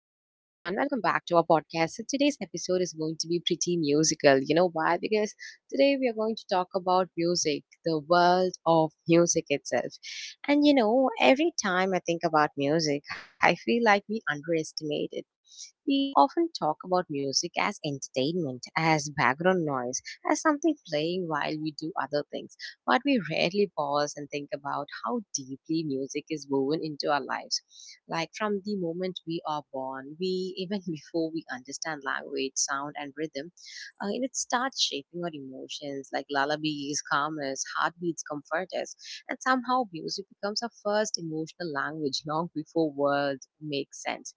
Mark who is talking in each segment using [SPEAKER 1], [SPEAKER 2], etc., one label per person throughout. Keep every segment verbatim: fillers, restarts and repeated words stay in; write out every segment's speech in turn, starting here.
[SPEAKER 1] Welcome back to our podcast. So, today's episode is going to be pretty musical. You know why? Because today we are going to talk about music, the world of music itself. And you know, every time I think about music, I feel like we underestimate it. We often talk about music as entertainment, as background noise, as something playing while we do other things. But we rarely pause and think about how deeply music is woven into our lives like from the moment we are born, we even before we understand language, sound, and rhythm, uh, and it starts shaping our emotions. Like lullabies calm us, heartbeats comfort us, and somehow music becomes our first emotional language long before words make sense.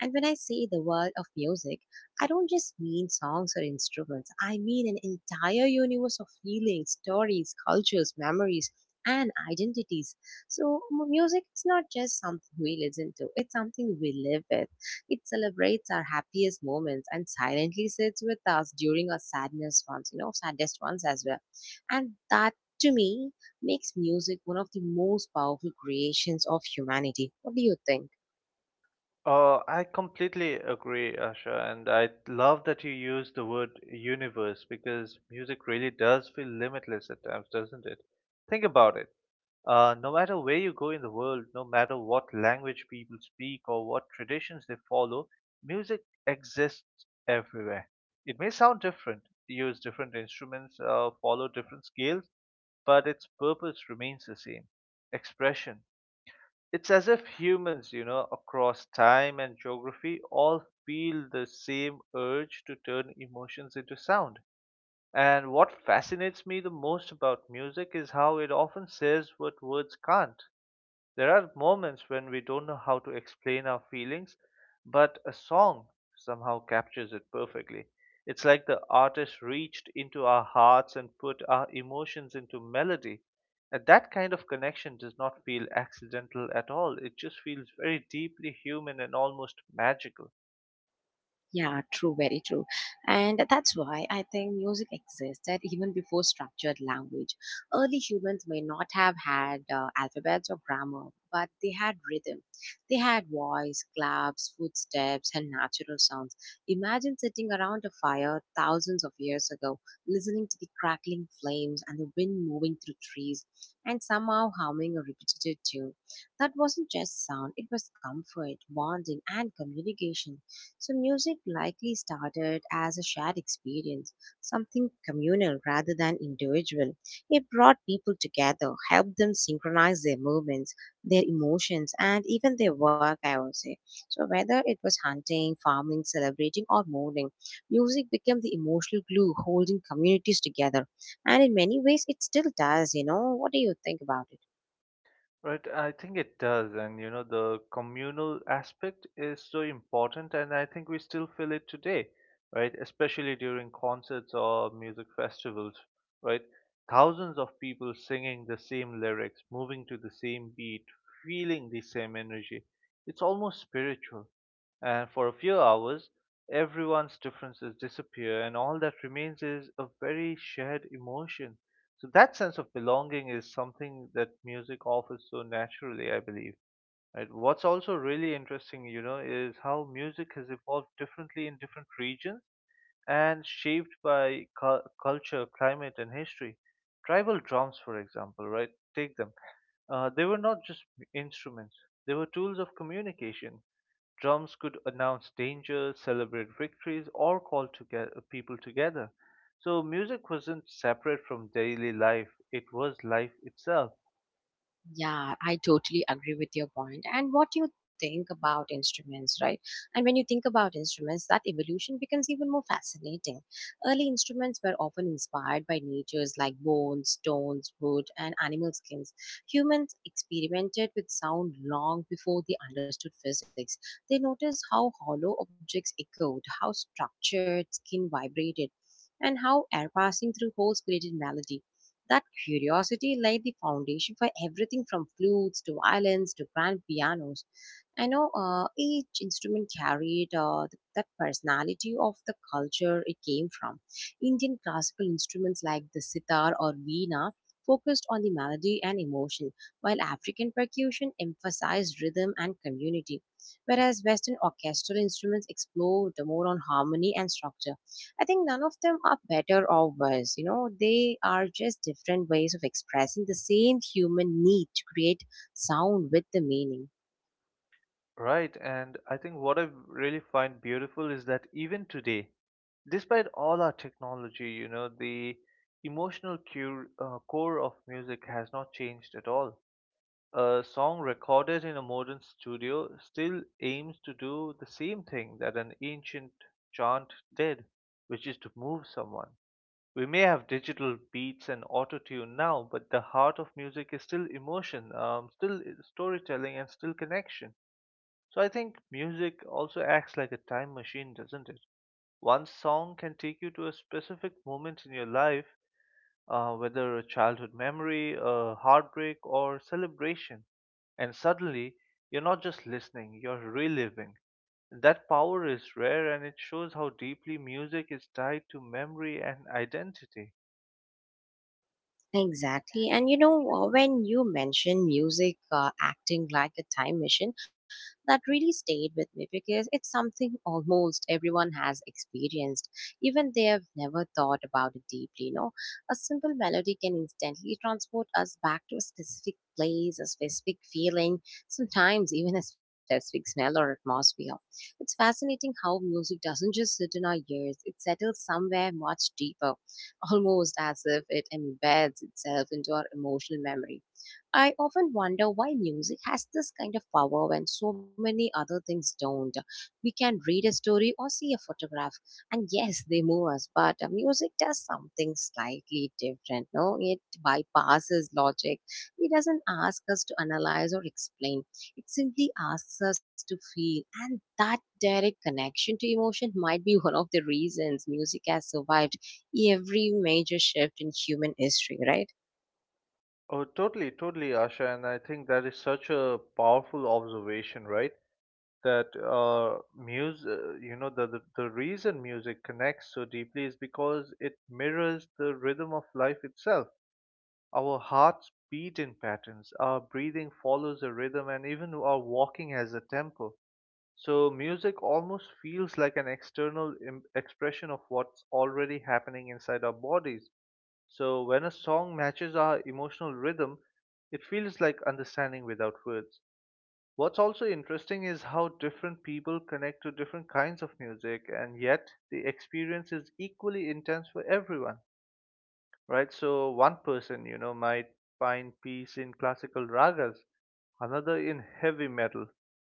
[SPEAKER 1] And when I say the world of music, I don't just mean songs or instruments. I mean an entire universe of feelings, stories, cultures, memories, and identities. So, m- music is not just something we listen to, it's something we live with. It celebrates our happiest moments and silently sits with us during our sadness ones, you know, saddest ones as well. And that to me makes music one of the most powerful creations of humanity. What do you think?
[SPEAKER 2] Uh, I completely agree, Asha, and I love that you use the word universe because music really does feel limitless at times, doesn't it? Think about it. Uh, no matter where you go in the world, no matter what language people speak or what traditions they follow, music exists everywhere. It may sound different, use different instruments, uh, follow different scales, but its purpose remains the same expression. It's as if humans, you know, across time and geography all feel the same urge to turn emotions into sound. And what fascinates me the most about music is how it often says what words can't. There are moments when we don't know how to explain our feelings, but a song somehow captures it perfectly. It's like the artist reached into our hearts and put our emotions into melody. And that kind of connection does not feel accidental at all. It just feels very deeply human and almost magical.
[SPEAKER 1] Yeah, true, very true. And that's why I think music existed even before structured language. Early humans may not have had uh, alphabets or grammar, but they had rhythm. They had voice, claps, footsteps, and natural sounds. Imagine sitting around a fire thousands of years ago, listening to the crackling flames and the wind moving through trees, and somehow humming a repetitive tune. That wasn't just sound, it was comfort, bonding, and communication. So, music likely started as a shared experience, something communal rather than individual. It brought people together, helped them synchronize their movements, their emotions, and even their work, I would say. So, whether it was hunting, farming, celebrating, or mourning, music became the emotional glue holding communities together. And in many ways, it still does, you know. What do you think about it?
[SPEAKER 2] Right, I think it does, and you know, the communal aspect is so important, and I think we still feel it today, right? Especially during concerts or music festivals, right? Thousands of people singing the same lyrics, moving to the same beat, feeling the same energy. It's almost spiritual. And for a few hours, everyone's differences disappear, and all that remains is a very shared emotion. So that sense of belonging is something that music offers so naturally, I believe. Right? What's also really interesting, you know, is how music has evolved differently in different regions and shaped by cu- culture, climate, and history. Tribal drums, for example, right? Take them. Uh, they were not just instruments; they were tools of communication. Drums could announce danger, celebrate victories, or call together, people together. So music wasn't separate from daily life, it was life itself,
[SPEAKER 1] Yeah, I totally agree with your point. And what you think about instruments, right? And when you think about instruments, that evolution becomes even more fascinating. Early instruments were often inspired by natures like bones, stones, wood, and animal skins. Humans experimented with sound long before they understood physics. They noticed how hollow objects echoed, how structured skin vibrated. And how air passing through holes created melody that curiosity laid the foundation for everything from flutes to violins to grand pianos. I know uh, each instrument carried uh, th- that personality of the culture it came from. Indian classical instruments like the sitar or veena focused on the melody and emotion, while African percussion emphasized rhythm and community, whereas Western orchestral instruments explored more on harmony and structure. I think none of them are better or worse. You know, they are just different ways of expressing the same human need to create sound with the meaning.
[SPEAKER 2] right? And I think what I really find beautiful is that even today, despite all our technology, you know, the emotional cure, uh, core of music has not changed at all. A song recorded in a modern studio still aims to do the same thing that an ancient chant did, which is to move someone. We may have digital beats and auto tune now, but the heart of music is still emotion, um, still storytelling, and still connection. So I think music also acts like a time machine, doesn't it? One song can take you to a specific moment in your life uh, whether a childhood memory, a heartbreak, or celebration. And suddenly, you're not just listening, you're reliving. That power is rare and it shows how deeply music is tied to memory and identity.
[SPEAKER 1] Exactly. And you know, uh, when you mention music uh, acting like a time machine, that really stayed with me because it's something almost everyone has experienced, even they have never thought about it deeply. You know, a simple melody can instantly transport us back to a specific place, a specific feeling, sometimes even a specific smell or atmosphere. It's fascinating how music doesn't just sit in our ears, it settles somewhere much deeper almost as if it embeds itself into our emotional memory. I often wonder why music has this kind of power when so many other things don't. We can read a story or see a photograph, and yes, they move us, but uh, music does something slightly different. No, it bypasses logic. It doesn't ask us to analyze or explain. It simply asks us to feel, and that direct connection to emotion might be one of the reasons music has survived every major shift in human history, right?
[SPEAKER 2] Oh, totally, totally, Asha. And I think that is such a powerful observation, right? That uh, music, you know, the, the, the reason music connects so deeply is because it mirrors the rhythm of life itself. Our hearts beat in patterns, our breathing follows a rhythm, and even our walking has a tempo. So, music almost feels like an external im- expression of what's already happening inside our bodies. So, when a song matches our emotional rhythm, it feels like understanding without words. What's also interesting is how different people connect to different kinds of music, and yet the experience is equally intense for everyone, right? So one person, you know, might find peace in classical ragas, another in heavy metal,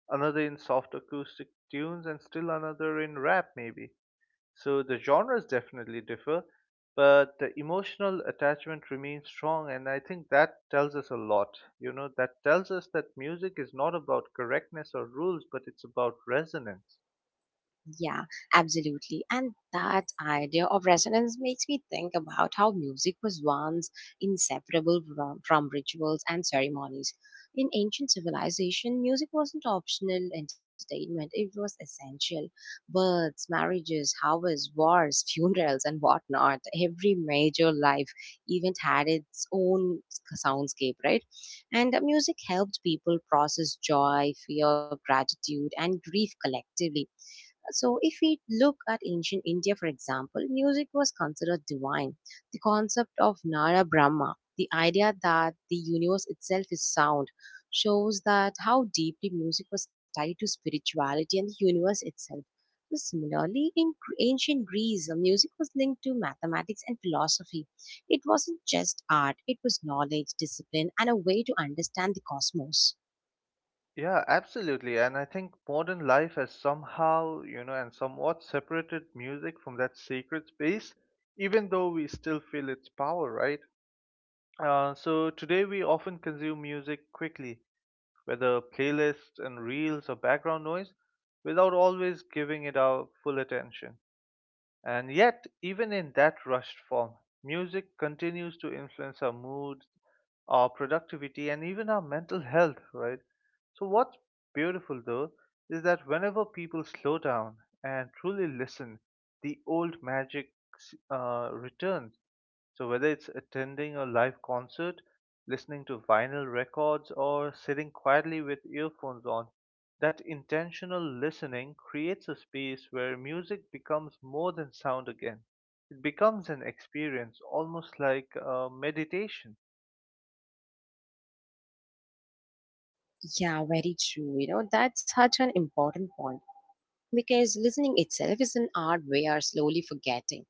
[SPEAKER 2] another in soft acoustic tunes, and still another in rap, maybe. So the genres definitely differ, but the emotional attachment remains strong, and I think that tells us a lot. You know, that tells us that music is not about correctness or rules, but it's about resonance.
[SPEAKER 1] Yeah, absolutely. And that idea of resonance makes me think about how music was once inseparable from, from rituals and ceremonies. In ancient civilization, music wasn't optional entertainment, it was essential. Births, marriages, harvests, wars, funerals, and whatnot. Every major life event had its own soundscape, right? And uh, music helped people process joy, fear, gratitude, and grief collectively. So, if we look at ancient India, for example, music was considered divine. The concept of Nara Brahma, the idea that the universe itself is sound, shows that how deeply music was tied to spirituality and the universe itself. So similarly, in Gr- ancient Greece, uh, music was linked to mathematics and philosophy. It wasn't just art, it was knowledge, discipline, and a way to understand the cosmos.
[SPEAKER 2] Yeah, absolutely. And I think modern life has somehow, you know, and somewhat separated music from that sacred space, even though we still feel its power, right? Uh, so today we often consume music quickly, whether playlists and reels or background noise, without always giving it our full attention. And yet, even in that rushed form, music continues to influence our mood, our productivity, and even our mental health, right? So, what's beautiful though is that whenever people slow down and truly listen, the old magic s- uh, returns. So, whether it's attending a live concert, listening to vinyl records, or sitting quietly with earphones on, that intentional listening creates a space where music becomes more than sound again. It becomes an experience, almost like uh, meditation.
[SPEAKER 1] Yeah, very true. You know, that's such an important point, because listening itself is an art we are slowly forgetting.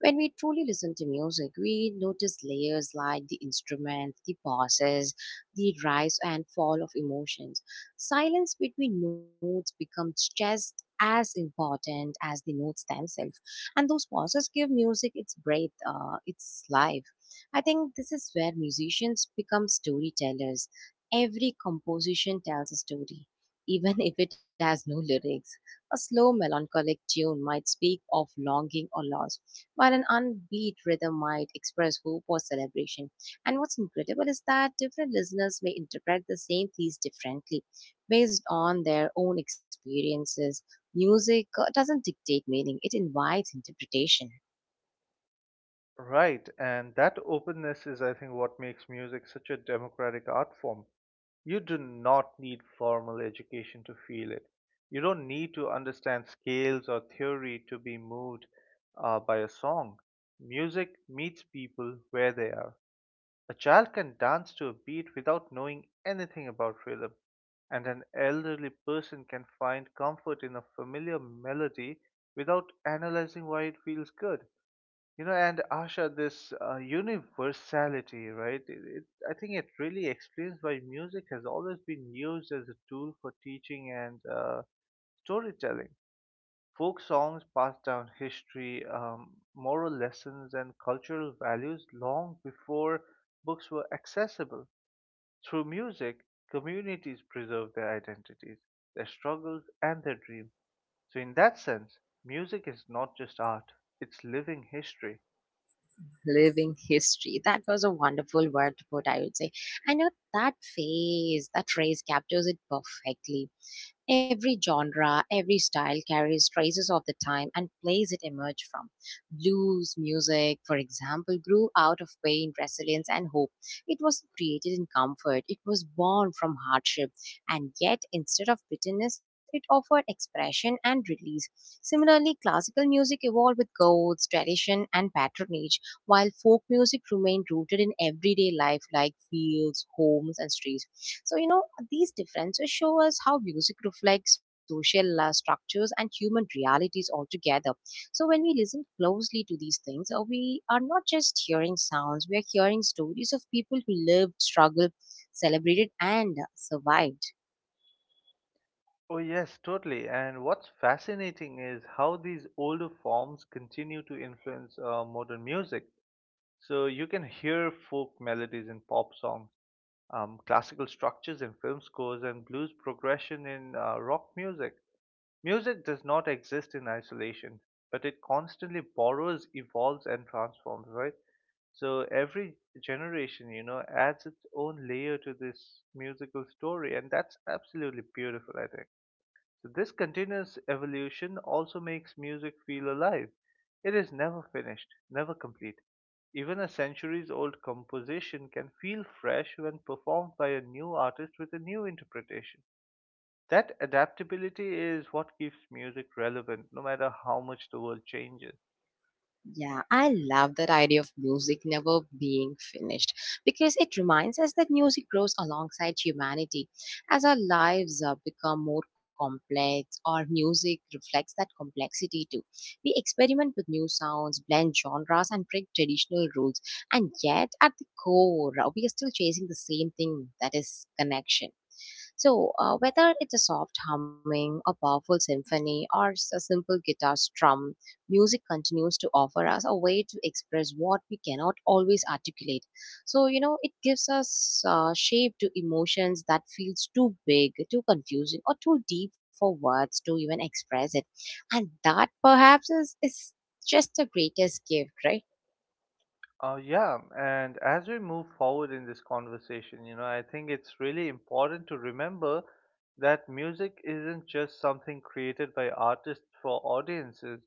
[SPEAKER 1] When we truly listen to music, we notice layers like the instruments, the pauses, the rise and fall of emotions. Silence between notes becomes just as important as the notes themselves, and those pauses give music its breath, uh, its life. I think this is where musicians become storytellers. Every composition tells a story, even if it has no lyrics. A slow melancholic tune might speak of longing or loss, while an unbeat rhythm might express hope or celebration. And what's incredible is that different listeners may interpret the same piece differently based on their own experiences. Music uh, doesn't dictate meaning, it invites interpretation.
[SPEAKER 2] Right, and that openness is, I think, what makes music such a democratic art form. You do not need formal education to feel it. You don't need to understand scales or theory to be moved uh, by a song. Music meets people where they are. A child can dance to a beat without knowing anything about rhythm, and an elderly person can find comfort in a familiar melody without analyzing why it feels good. You know, and Asha, this uh, universality, right? It, it, I think it really explains why music has always been used as a tool for teaching and uh, storytelling. Folk songs pass down history, um, moral lessons, and cultural values long before books were accessible. Through music, communities preserve their identities, their struggles, and their dreams. So, in that sense, music is not just art, it's living history.
[SPEAKER 1] Living history. That was a wonderful word to put, I would say. I know that phase, that phrase captures it perfectly. Every genre, every style carries traces of the time and place it emerged from. Blues music, for example, grew out of pain, resilience, and hope. It was created in comfort, it was born from hardship, and yet instead of bitterness, it offered expression and release. Similarly, classical music evolved with codes, tradition, and patronage while folk music remained rooted in everyday life like fields, homes, and streets. So, you know, these differences show us how music reflects social uh, structures and human realities altogether. So, when we listen closely to these things, uh, we are not just hearing sounds, we are hearing stories of people who lived, struggled, celebrated, and survived.
[SPEAKER 2] Oh, yes, totally. And what's fascinating is how these older forms continue to influence uh, modern music. So you can hear folk melodies in pop songs, um, classical structures in film scores, and blues progression in uh, rock music. Music does not exist in isolation, but it constantly borrows, evolves, and transforms, right? So every generation, you know, adds its own layer to this musical story, and that's absolutely beautiful, I think. So this continuous evolution also makes music feel alive. It is never finished, never complete. Even a centuries old composition can feel fresh when performed by a new artist with a new interpretation. That adaptability is what keeps music relevant no matter how much the world changes.
[SPEAKER 1] Yeah, I love that idea of music never being finished because it reminds us that music grows alongside humanity. As our lives uh, become more complex, our music reflects that complexity too. We experiment with new sounds, blend genres, and break traditional rules. And yet, at the core, uh, we are still chasing the same thing that is connection. So, uh, whether it's a soft humming, a powerful symphony, or s- a simple guitar strum, music continues to offer us a way to express what we cannot always articulate. So, you know, it gives us uh, shape to emotions that feels too big, too confusing, or too deep for words to even express it. And that perhaps is, is just the greatest gift, right?
[SPEAKER 2] Uh, yeah, and as we move forward in this conversation, you know, I think it's really important to remember that music isn't just something created by artists for audiences.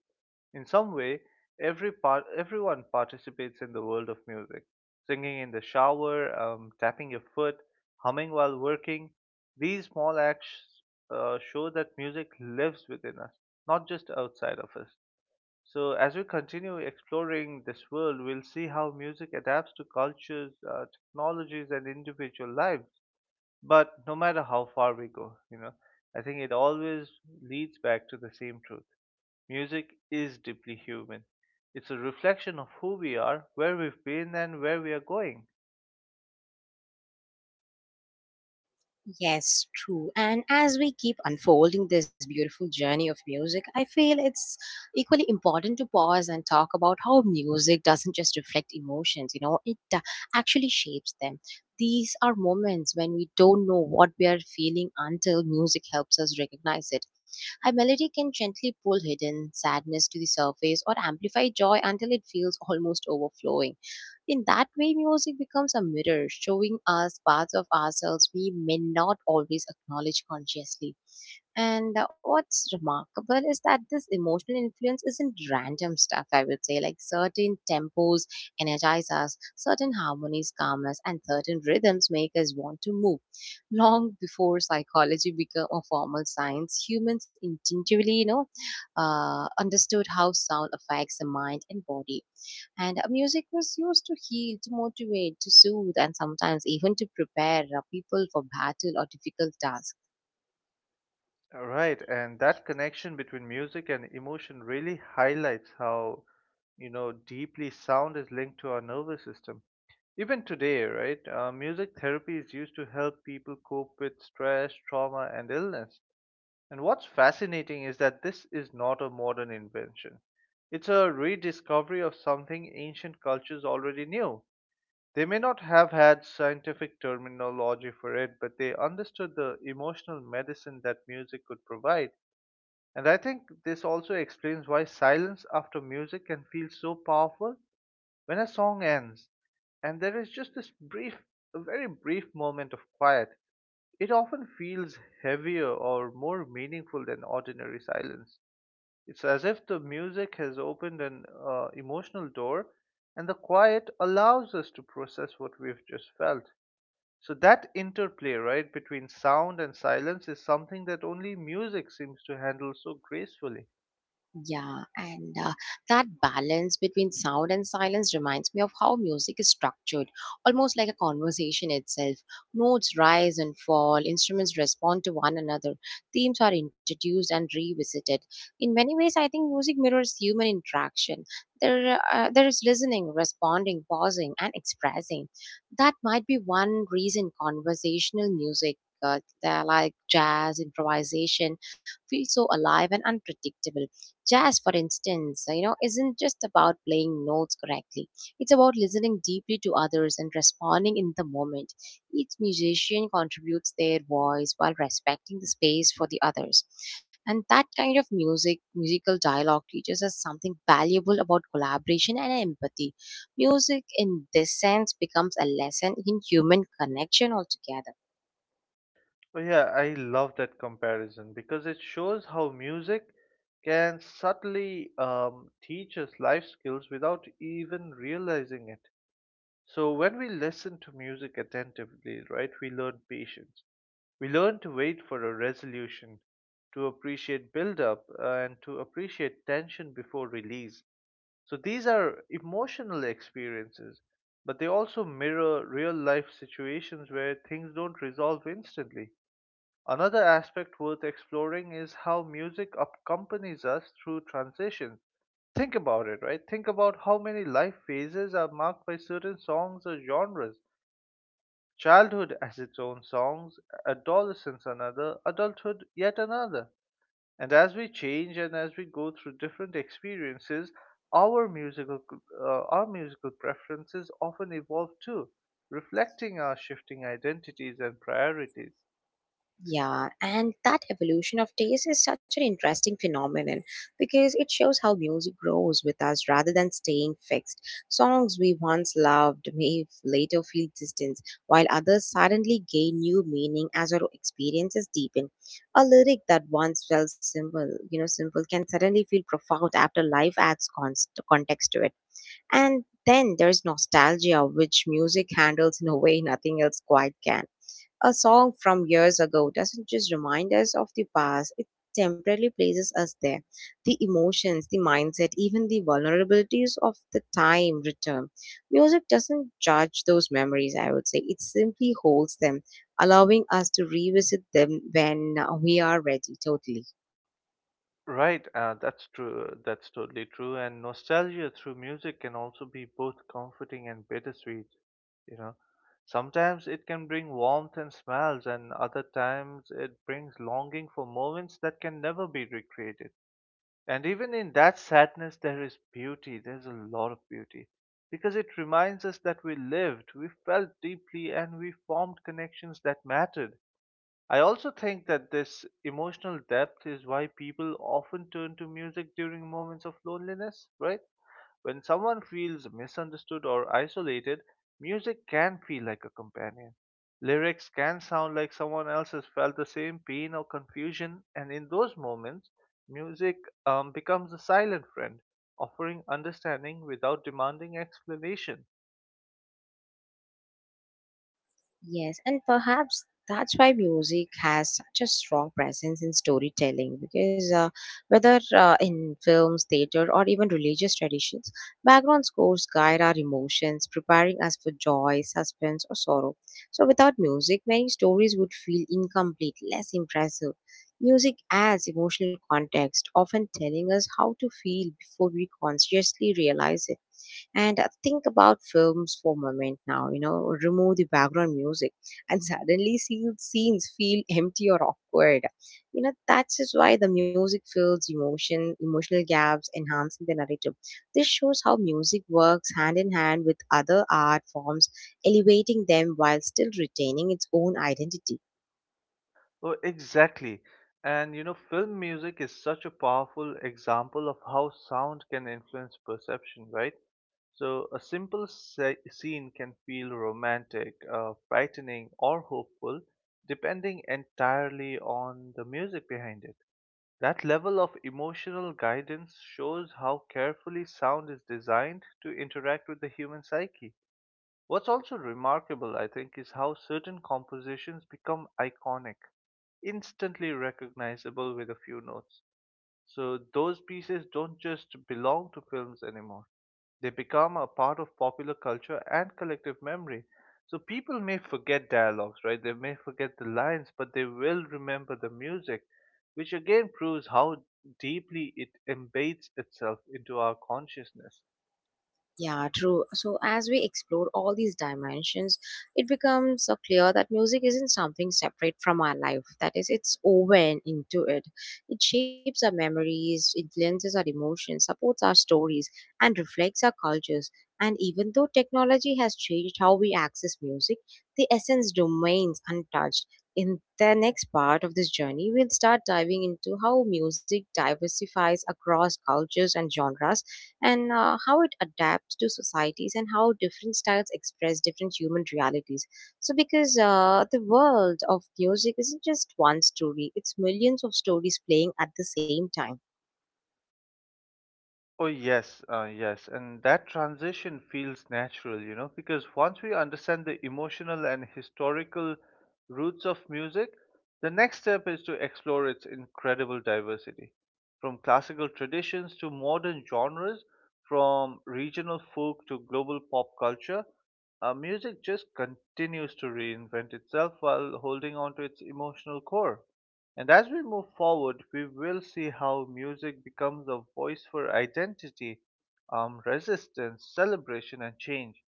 [SPEAKER 2] In some way, every part, everyone participates in the world of music. Singing in the shower, um, tapping your foot, humming while working. These small acts uh, show that music lives within us, not just outside of us. So, as we continue exploring this world, we'll see how music adapts to cultures, uh, technologies, and individual lives. But no matter how far we go, you know, I think it always leads back to the same truth. Music is deeply human. It's a reflection of who we are, where we've been, and where we are going.
[SPEAKER 1] Yes, true. And as we keep unfolding this beautiful journey of music, I feel it's equally important to pause and talk about how music doesn't just reflect emotions, you know, it uh, actually shapes them. These are moments when we don't know what we are feeling until music helps us recognize it. A melody can gently pull hidden sadness to the surface or amplify joy until it feels almost overflowing. In that way, music becomes a mirror, showing us parts of ourselves we may not always acknowledge consciously. And uh, what's remarkable is that this emotional influence isn't random stuff, I would say. Like certain tempos energize us, certain harmonies calm us, and certain rhythms make us want to move. Long before psychology became a formal science, humans intuitively, you know, uh, understood how sound affects the mind and body and uh, music was used to heal, to motivate, to soothe, and sometimes even to prepare uh, people for battle or difficult tasks.
[SPEAKER 2] All right, and that connection between music and emotion really highlights how, you know, deeply sound is linked to our nervous system. Even today, right, uh, music therapy is used to help people cope with stress, trauma, and illness. And what's fascinating is that this is not a modern invention. It's a rediscovery of something ancient cultures already knew. They may not have had scientific terminology for it, but they understood the emotional medicine that music could provide. And I think this also explains why silence after music can feel so powerful when a song ends, and there is just this brief, a very brief moment of quiet, it often feels heavier or more meaningful than ordinary silence. It's as if the music has opened an uh, emotional door, and the quiet allows us to process what we've just felt. So, that interplay, right, between sound and silence is something that only music seems to handle so gracefully.
[SPEAKER 1] Yeah, and uh, that balance between sound and silence reminds me of how music is structured, almost like a conversation itself. Notes rise and fall, instruments respond to one another, themes are introduced and revisited. In many ways, I think music mirrors human interaction. There, uh, there is listening, responding, pausing, and expressing. That might be one reason conversational music. Uh, they're like jazz, improvisation, feels so alive and unpredictable. Jazz, for instance, uh, you know, isn't just about playing notes correctly. It's about listening deeply to others and responding in the moment. Each musician contributes their voice while respecting the space for the others. And that kind of music, musical dialogue teaches us something valuable about collaboration and empathy. Music in this sense becomes a lesson in human connection altogether.
[SPEAKER 2] Oh yeah, I love that comparison because it shows how music can subtly um, teach us life skills without even realizing it. So when we listen to music attentively, right, we learn patience. We learn to wait for a resolution, to appreciate build-up, uh, and to appreciate tension before release. So these are emotional experiences, but they also mirror real-life situations where things don't resolve instantly. Another aspect worth exploring is how music accompanies us through transitions. Think about it, right? Think about how many life phases are marked by certain songs or genres. Childhood has its own songs, adolescence another, adulthood yet another. And as we change and as we go through different experiences, our musical uh, our musical preferences often evolve too, reflecting our shifting identities and priorities.
[SPEAKER 1] Yeah, and that evolution of taste is such an interesting phenomenon because it shows how music grows with us rather than staying fixed. Songs we once loved may f- later feel distant, while others suddenly gain new meaning as our experiences deepen. A lyric that once felt simple, you know, simple can suddenly feel profound after life adds const- context to it. And then there's nostalgia, which music handles in a way nothing else quite can. A song from years ago doesn't just remind us of the past, it temporarily places us there. The emotions, the mindset, even the vulnerabilities of the time return. Music doesn't judge those memories, I would say. It simply holds them, allowing us to revisit them when we are ready, totally.
[SPEAKER 2] Right, uh, that's true. That's totally true. And nostalgia through music can also be both comforting and bittersweet. You know, sometimes it can bring warmth and smiles, and other times it brings longing for moments that can never be recreated. And even in that sadness, there is beauty. There's a lot of beauty because it reminds us that we lived, we felt deeply, and we formed connections that mattered. I also think that this emotional depth is why people often turn to music during moments of loneliness, right? When someone feels misunderstood or isolated, music can feel like a companion. Lyrics can sound like someone else has felt the same pain or confusion, and in those moments, music um, becomes a silent friend, offering understanding without demanding explanation.
[SPEAKER 1] Yes, and perhaps that's why music has such a strong presence in storytelling because uh, whether uh, in films, theater, or even religious traditions, background scores guide our emotions, preparing us for joy, suspense, or sorrow. So, without music, many stories would feel incomplete, less impressive. Music adds emotional context, often telling us how to feel before we consciously realize it. And uh, think about films for a moment now, you know, remove the background music and suddenly see scenes feel empty or awkward. You know, that is why the music fills emotion, emotional gaps, enhancing the narrative. This shows how music works hand in hand with other art forms, elevating them while still retaining its own identity.
[SPEAKER 2] Oh, exactly. And you know, film music is such a powerful example of how sound can influence perception, right? So, a simple se- scene can feel romantic, uh, frightening, or hopeful, depending entirely on the music behind it. That level of emotional guidance shows how carefully sound is designed to interact with the human psyche. What's also remarkable, I think, is how certain compositions become iconic, instantly recognizable with a few notes. So those pieces don't just belong to films anymore, they become a part of popular culture and collective memory. So people may forget dialogues, right? They may forget the lines, but they will remember the music, which again proves how deeply it embeds itself into our consciousness.
[SPEAKER 1] Yeah, true. So, as we explore all these dimensions, it becomes so clear that music isn't something separate from our life. That is, it's woven into it. It shapes our memories, influences our emotions, supports our stories, and reflects our cultures. And even though technology has changed how we access music, the essence remains untouched. In the next part of this journey, we'll start diving into how music diversifies across cultures and genres and uh, how it adapts to societies and how different styles express different human realities. So, because uh, the world of music isn't just one story, it's millions of stories playing at the same time.
[SPEAKER 2] Oh, yes, uh, yes. And that transition feels natural, you know, because once we understand the emotional and historical roots of music, the next step is to explore its incredible diversity. From classical traditions to modern genres, from regional folk to global pop culture, uh, music just continues to reinvent itself while holding on to its emotional core. And as we move forward, we will see how music becomes a voice for identity, um, resistance, celebration, and change.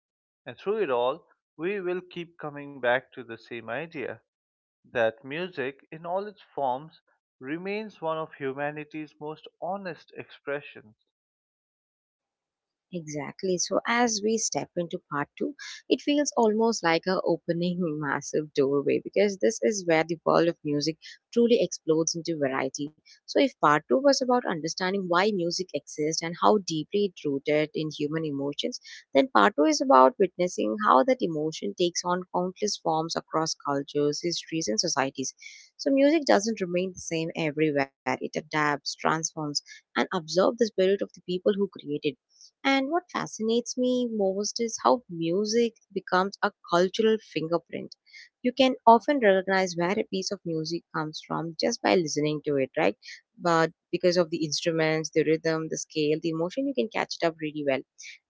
[SPEAKER 2] And through it all, we will keep coming back to the same idea that music, in all its forms, remains one of humanity's most honest expressions.
[SPEAKER 1] Exactly. So, as we step into part two, it feels almost like a opening massive doorway because this is where the world of music truly explodes into variety. So, if part two was about understanding why music exists and how deeply it's rooted in human emotions, then part two is about witnessing how that emotion takes on countless forms across cultures, histories, and societies. So, music doesn't remain the same everywhere, it adapts, transforms, and absorbs the spirit of the people who created it. And what fascinates me most is how music becomes a cultural fingerprint. You can often recognize where a piece of music comes from just by listening to it, right? But because of the instruments, the rhythm, the scale, the emotion, you can catch it up really well.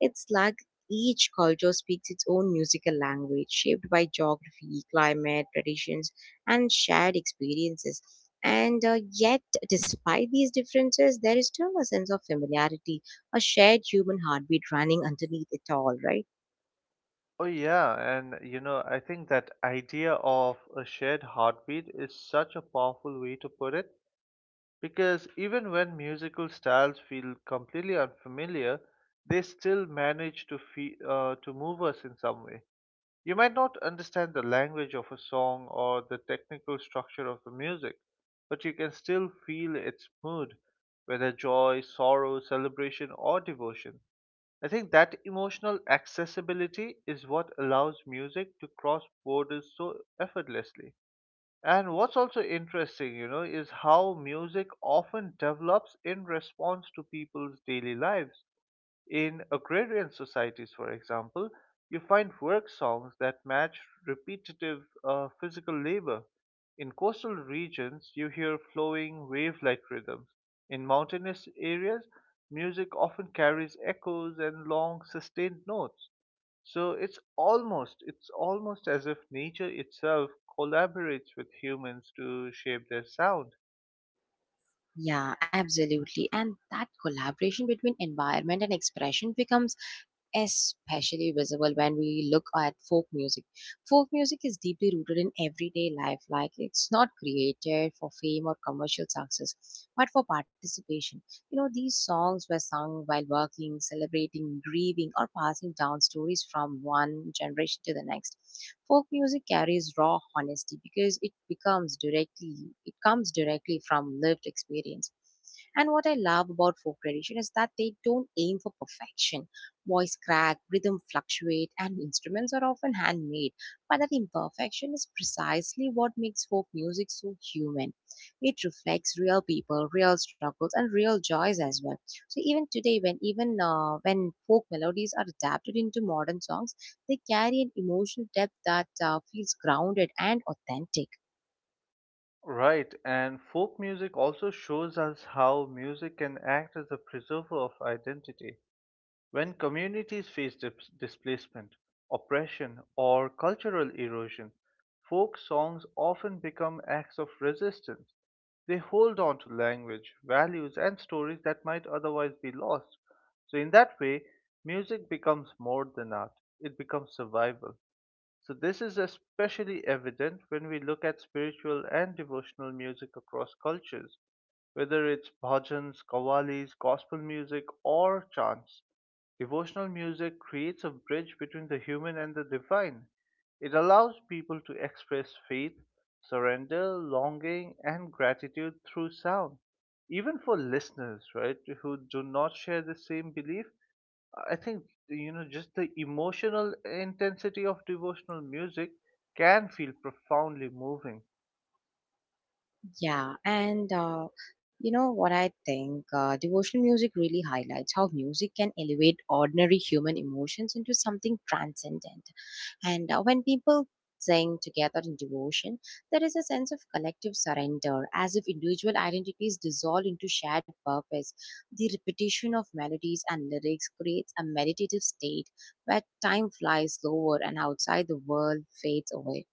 [SPEAKER 1] It's like each culture speaks its own musical language, shaped by geography, climate, traditions, and shared experiences. And uh, yet, despite these differences, there is still a sense of familiarity, a shared human heartbeat running underneath it all, right?
[SPEAKER 2] Oh, yeah, and you know, I think that idea of a shared heartbeat is such a powerful way to put it. Because even when musical styles feel completely unfamiliar, they still manage to fe uh, to move us in some way. You might not understand the language of a song or the technical structure of the music, but you can still feel its mood, whether joy, sorrow, celebration, or devotion. I think that emotional accessibility is what allows music to cross borders so effortlessly. And what's also interesting, you know, is how music often develops in response to people's daily lives. In agrarian societies, for example, you find work songs that match repetitive uh, physical labor. In coastal regions, you hear flowing wave like rhythms. In mountainous areas, music often carries echoes and long, sustained notes. So it's almost it's almost as if nature itself collaborates with humans to shape their sound.
[SPEAKER 1] Yeah, absolutely. And that collaboration between environment and expression becomes especially visible when we look at folk music. Folk music is deeply rooted in everyday life, like it's not created for fame or commercial success, but for participation. You know, these songs were sung while working, celebrating, grieving, or passing down stories from one generation to the next. Folk music carries raw honesty because it becomes directly, It comes directly from lived experience. And what I love about folk tradition is that they don't aim for perfection. Voice crack, rhythm fluctuate, and instruments are often handmade. But that imperfection is precisely what makes folk music so human. It reflects real people, real struggles, and real joys as well. So even today, when even uh, when folk melodies are adapted into modern songs, they carry an emotional depth that uh, feels grounded and authentic.
[SPEAKER 2] Right, and folk music also shows us how music can act as a preserver of identity. When communities face dis- displacement, oppression, or cultural erosion, folk songs often become acts of resistance. They hold on to language, values, and stories that might otherwise be lost. So, in that way, music becomes more than art, it becomes survival. So, this is especially evident when we look at spiritual and devotional music across cultures, whether it's bhajans, qawwalis, gospel music, or chants. Devotional music creates a bridge between the human and the divine. It allows people to express faith, surrender, longing, and gratitude through sound. Even for listeners, right, who do not share the same belief, I think you know just the emotional intensity of devotional music can feel profoundly moving.
[SPEAKER 1] Yeah, and uh, you know what I think? Uh, devotional music really highlights how music can elevate ordinary human emotions into something transcendent. And uh, when people sing together in devotion, there is a sense of collective surrender, as if individual identities dissolve into shared purpose. The repetition of melodies and lyrics creates a meditative state where time flies slower and outside the world fades away.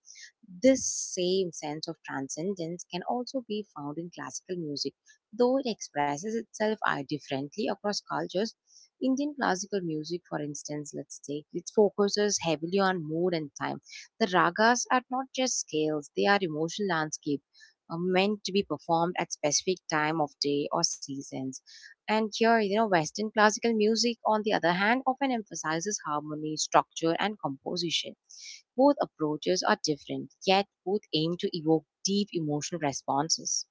[SPEAKER 1] This same sense of transcendence can also be found in classical music, though it expresses itself uh, differently across cultures. Indian classical music, for instance, let's take it, focuses heavily on mood and time. The ragas are not just scales, they are emotional landscape uh, meant to be performed at specific time of day or seasons. And here, you know, Western classical music, on the other hand, often emphasizes harmony, structure, and composition. Both approaches are different, yet both aim to evoke deep emotional responses.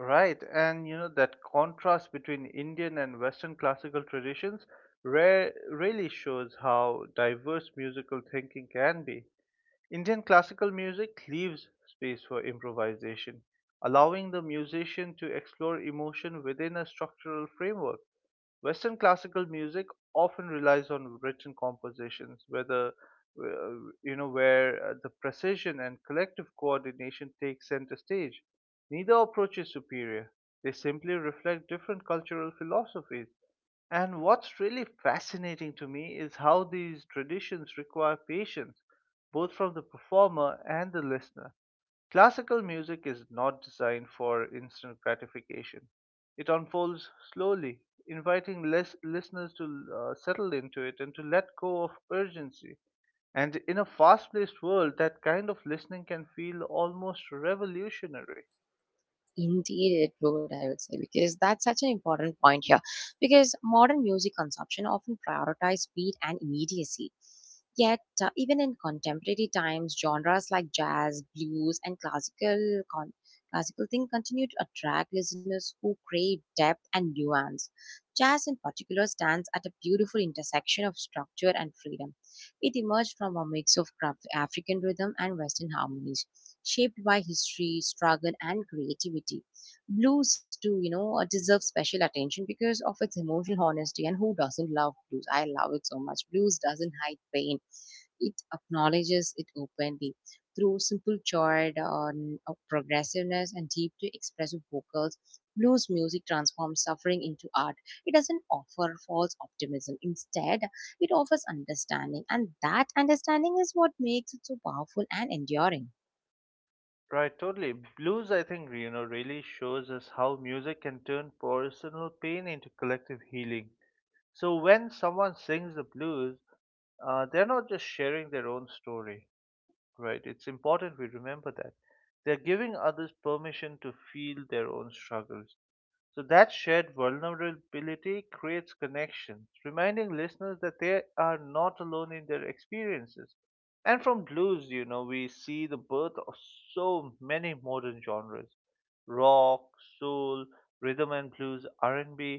[SPEAKER 2] Right? And you know that contrast between Indian and Western classical traditions rare, really shows how diverse musical thinking can be. Indian classical music leaves space for improvisation, allowing the musician to explore emotion within a structural framework. Western classical music often relies on written compositions, whether uh, you know where uh, the precision and collective coordination take center stage. Neither approach is superior. They simply reflect different cultural philosophies. And what's really fascinating to me is how these traditions require patience, both from the performer and the listener. Classical music is not designed for instant gratification. It unfolds slowly, inviting lis- listeners to uh, settle into it and to let go of urgency. And in a fast paced world, that kind of listening can feel almost revolutionary.
[SPEAKER 1] Indeed, it would, I would say, because that's such an important point here. Because modern music consumption often prioritizes speed and immediacy. Yet, uh, even in contemporary times, genres like jazz, blues, and classical con- classical thing continue to attract listeners who crave depth and nuance. Jazz, in particular, stands at a beautiful intersection of structure and freedom. It emerged from a mix of Af- African rhythm and Western harmonies, shaped by history, struggle, and creativity. Blues, too, you know, uh, deserves special attention because of its emotional honesty. And who doesn't love blues? I love it so much. Blues doesn't hide pain; it acknowledges it openly through simple chord on of progressiveness and deeply expressive vocals. Blues music transforms suffering into art. It doesn't offer false optimism, instead it offers understanding, and that understanding is what makes it so powerful and enduring.
[SPEAKER 2] Right, totally. Blues, I think, you know, really shows us how music can turn personal pain into collective healing. So when someone sings the blues, uh, they're not just sharing their own story, right? It's important we remember that. They're giving others permission to feel their own struggles. So that shared vulnerability creates connections, reminding listeners that they are not alone in their experiences. And from blues, you know, we see the birth of so many modern genres: rock, soul, rhythm and blues, R and B,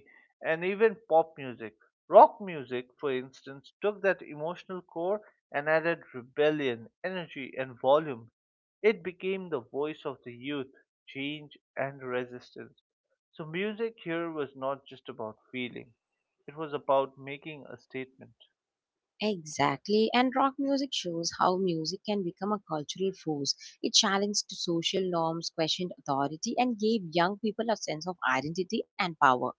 [SPEAKER 2] and B, and even pop music. Rock music, for instance, took that emotional core and added rebellion, energy, and volume. It became the voice of the youth, change, and resistance. So music here was not just about feeling, it was about making a statement.
[SPEAKER 1] Exactly, and rock music shows how music can become a cultural force. It challenged social norms, questioned authority, and gave young people a sense of identity and power.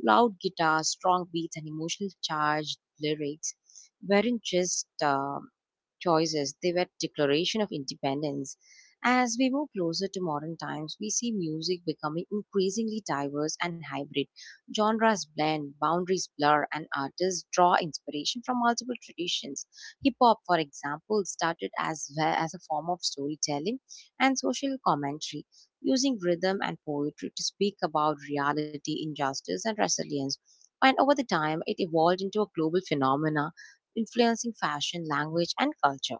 [SPEAKER 1] Loud guitars, strong beats, and emotional charged lyrics weren't just um, choices. They were declaration of independence. As we move closer to modern times, we see music becoming increasingly diverse and hybrid. Genres blend, boundaries blur, and artists draw inspiration from multiple traditions. Hip hop, for example, started as, as a form of storytelling and social commentary, using rhythm and poetry to speak about reality, injustice, and resilience. And over the time, it evolved into a global phenomenon influencing fashion, language, and culture.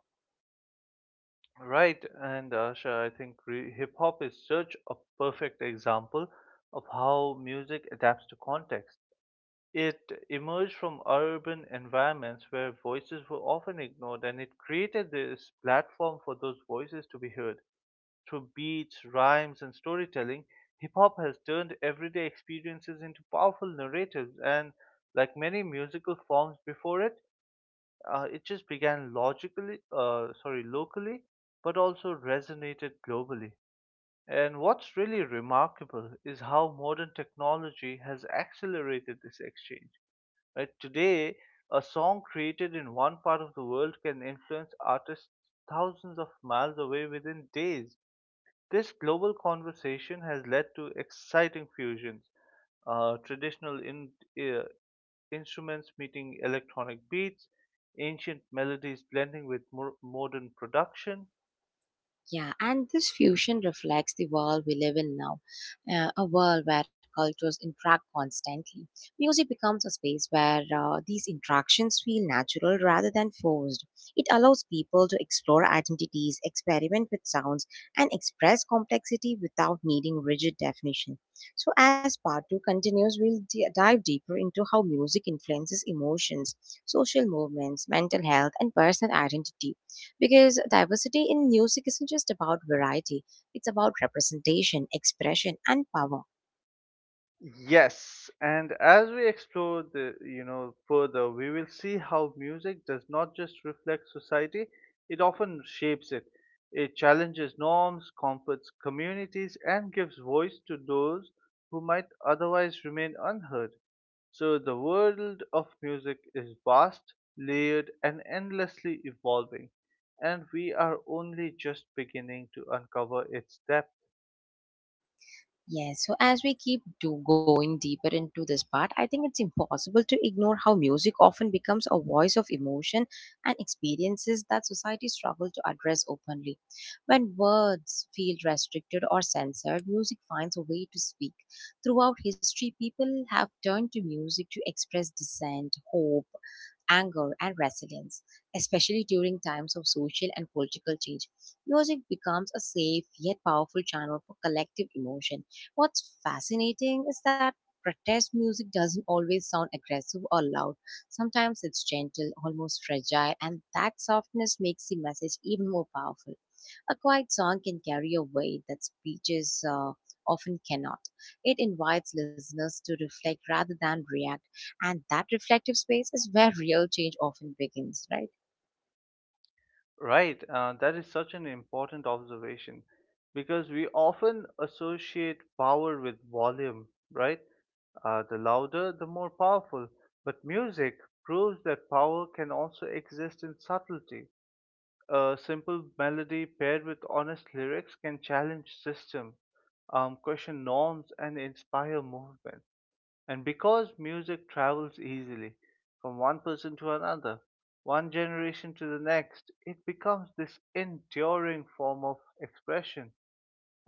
[SPEAKER 2] Right, and Asha, I think re- hip hop is such a perfect example of how music adapts to context. It emerged from urban environments where voices were often ignored, and it created this platform for those voices to be heard. Through beats, rhymes, and storytelling, hip hop has turned everyday experiences into powerful narratives, and like many musical forms before it, uh, it just began logically, uh, sorry, locally, but also resonated globally. And what's really remarkable is how modern technology has accelerated this exchange. Right? Today, a song created in one part of the world can influence artists thousands of miles away within days. This global conversation has led to exciting fusions, uh, traditional in, uh, instruments meeting electronic beats, ancient melodies blending with mo- modern production.
[SPEAKER 1] Yeah, and this fusion reflects the world we live in now, uh, a world where cultures interact constantly. Music becomes a space where uh, these interactions feel natural rather than forced. It allows people to explore identities, experiment with sounds, and express complexity without needing rigid definition. So, as part two continues, we'll d- dive deeper into how music influences emotions, social movements, mental health, and personal identity, because diversity in music isn't just about variety, it's about representation, expression, and power.
[SPEAKER 2] Yes, and as we explore the you know further, we will see how music does not just reflect society; it often shapes it. It challenges norms, comforts communities, and gives voice to those who might otherwise remain unheard. So the world of music is vast, layered, and endlessly evolving, and we are only just beginning to uncover its depth.
[SPEAKER 1] Yes, so as we keep do going deeper into this part, I think it's impossible to ignore how music often becomes a voice of emotion and experiences that society struggle to address openly. When words feel restricted or censored, music finds a way to speak. Throughout history, people have turned to music to express dissent, hope, anger, and resilience, especially during times of social and political change. Music becomes a safe yet powerful channel for collective emotion. What's fascinating is that protest music doesn't always sound aggressive or loud. Sometimes it's gentle, almost fragile, and that softness makes the message even more powerful. A quiet song can carry a weight that speeches uh, often cannot. It invites listeners to reflect rather than react, and that reflective space is where real change often begins, right?
[SPEAKER 2] Right, uh, that is such an important observation because we often associate power with volume, right? Uh, the louder, the more powerful. But music proves that power can also exist in subtlety. A simple melody paired with honest lyrics can challenge systems, um, question norms, and inspire movement. And because music travels easily from one person to another, one generation to the next, it becomes this enduring form of expression.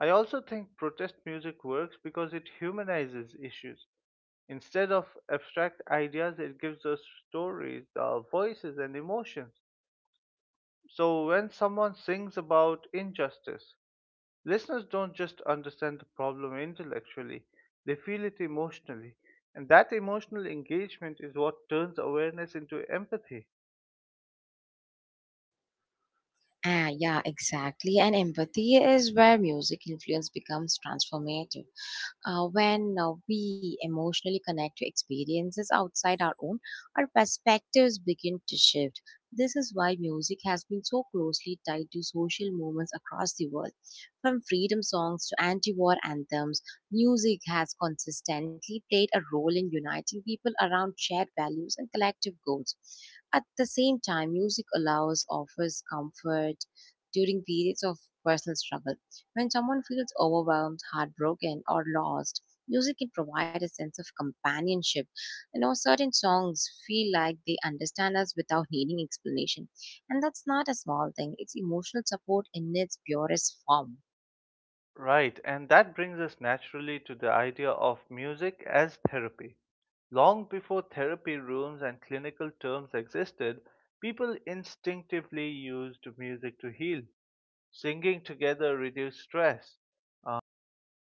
[SPEAKER 2] I also think protest music works because it humanizes issues. Instead of abstract ideas, it gives us stories, uh, voices, and emotions. So, when someone sings about injustice, listeners don't just understand the problem intellectually, they feel it emotionally. And that emotional engagement is what turns awareness into empathy.
[SPEAKER 1] Ah, yeah, exactly. And empathy is where music influence becomes transformative. Uh, when uh, we emotionally connect to experiences outside our own, our perspectives begin to shift. This is why music has been so closely tied to social movements across the world. From freedom songs to anti war anthems, music has consistently played a role in uniting people around shared values and collective goals. At the same time, music allows, offers comfort during periods of personal struggle. When someone feels overwhelmed, heartbroken, or lost, music can provide a sense of companionship. You know, certain songs feel like they understand us without needing explanation. And that's not a small thing, it's emotional support in its purest form.
[SPEAKER 2] Right, and that brings us naturally to the idea of music as therapy. Long before therapy rooms and clinical terms existed, people instinctively used music to heal. Singing together reduced stress. Uh, rhythmic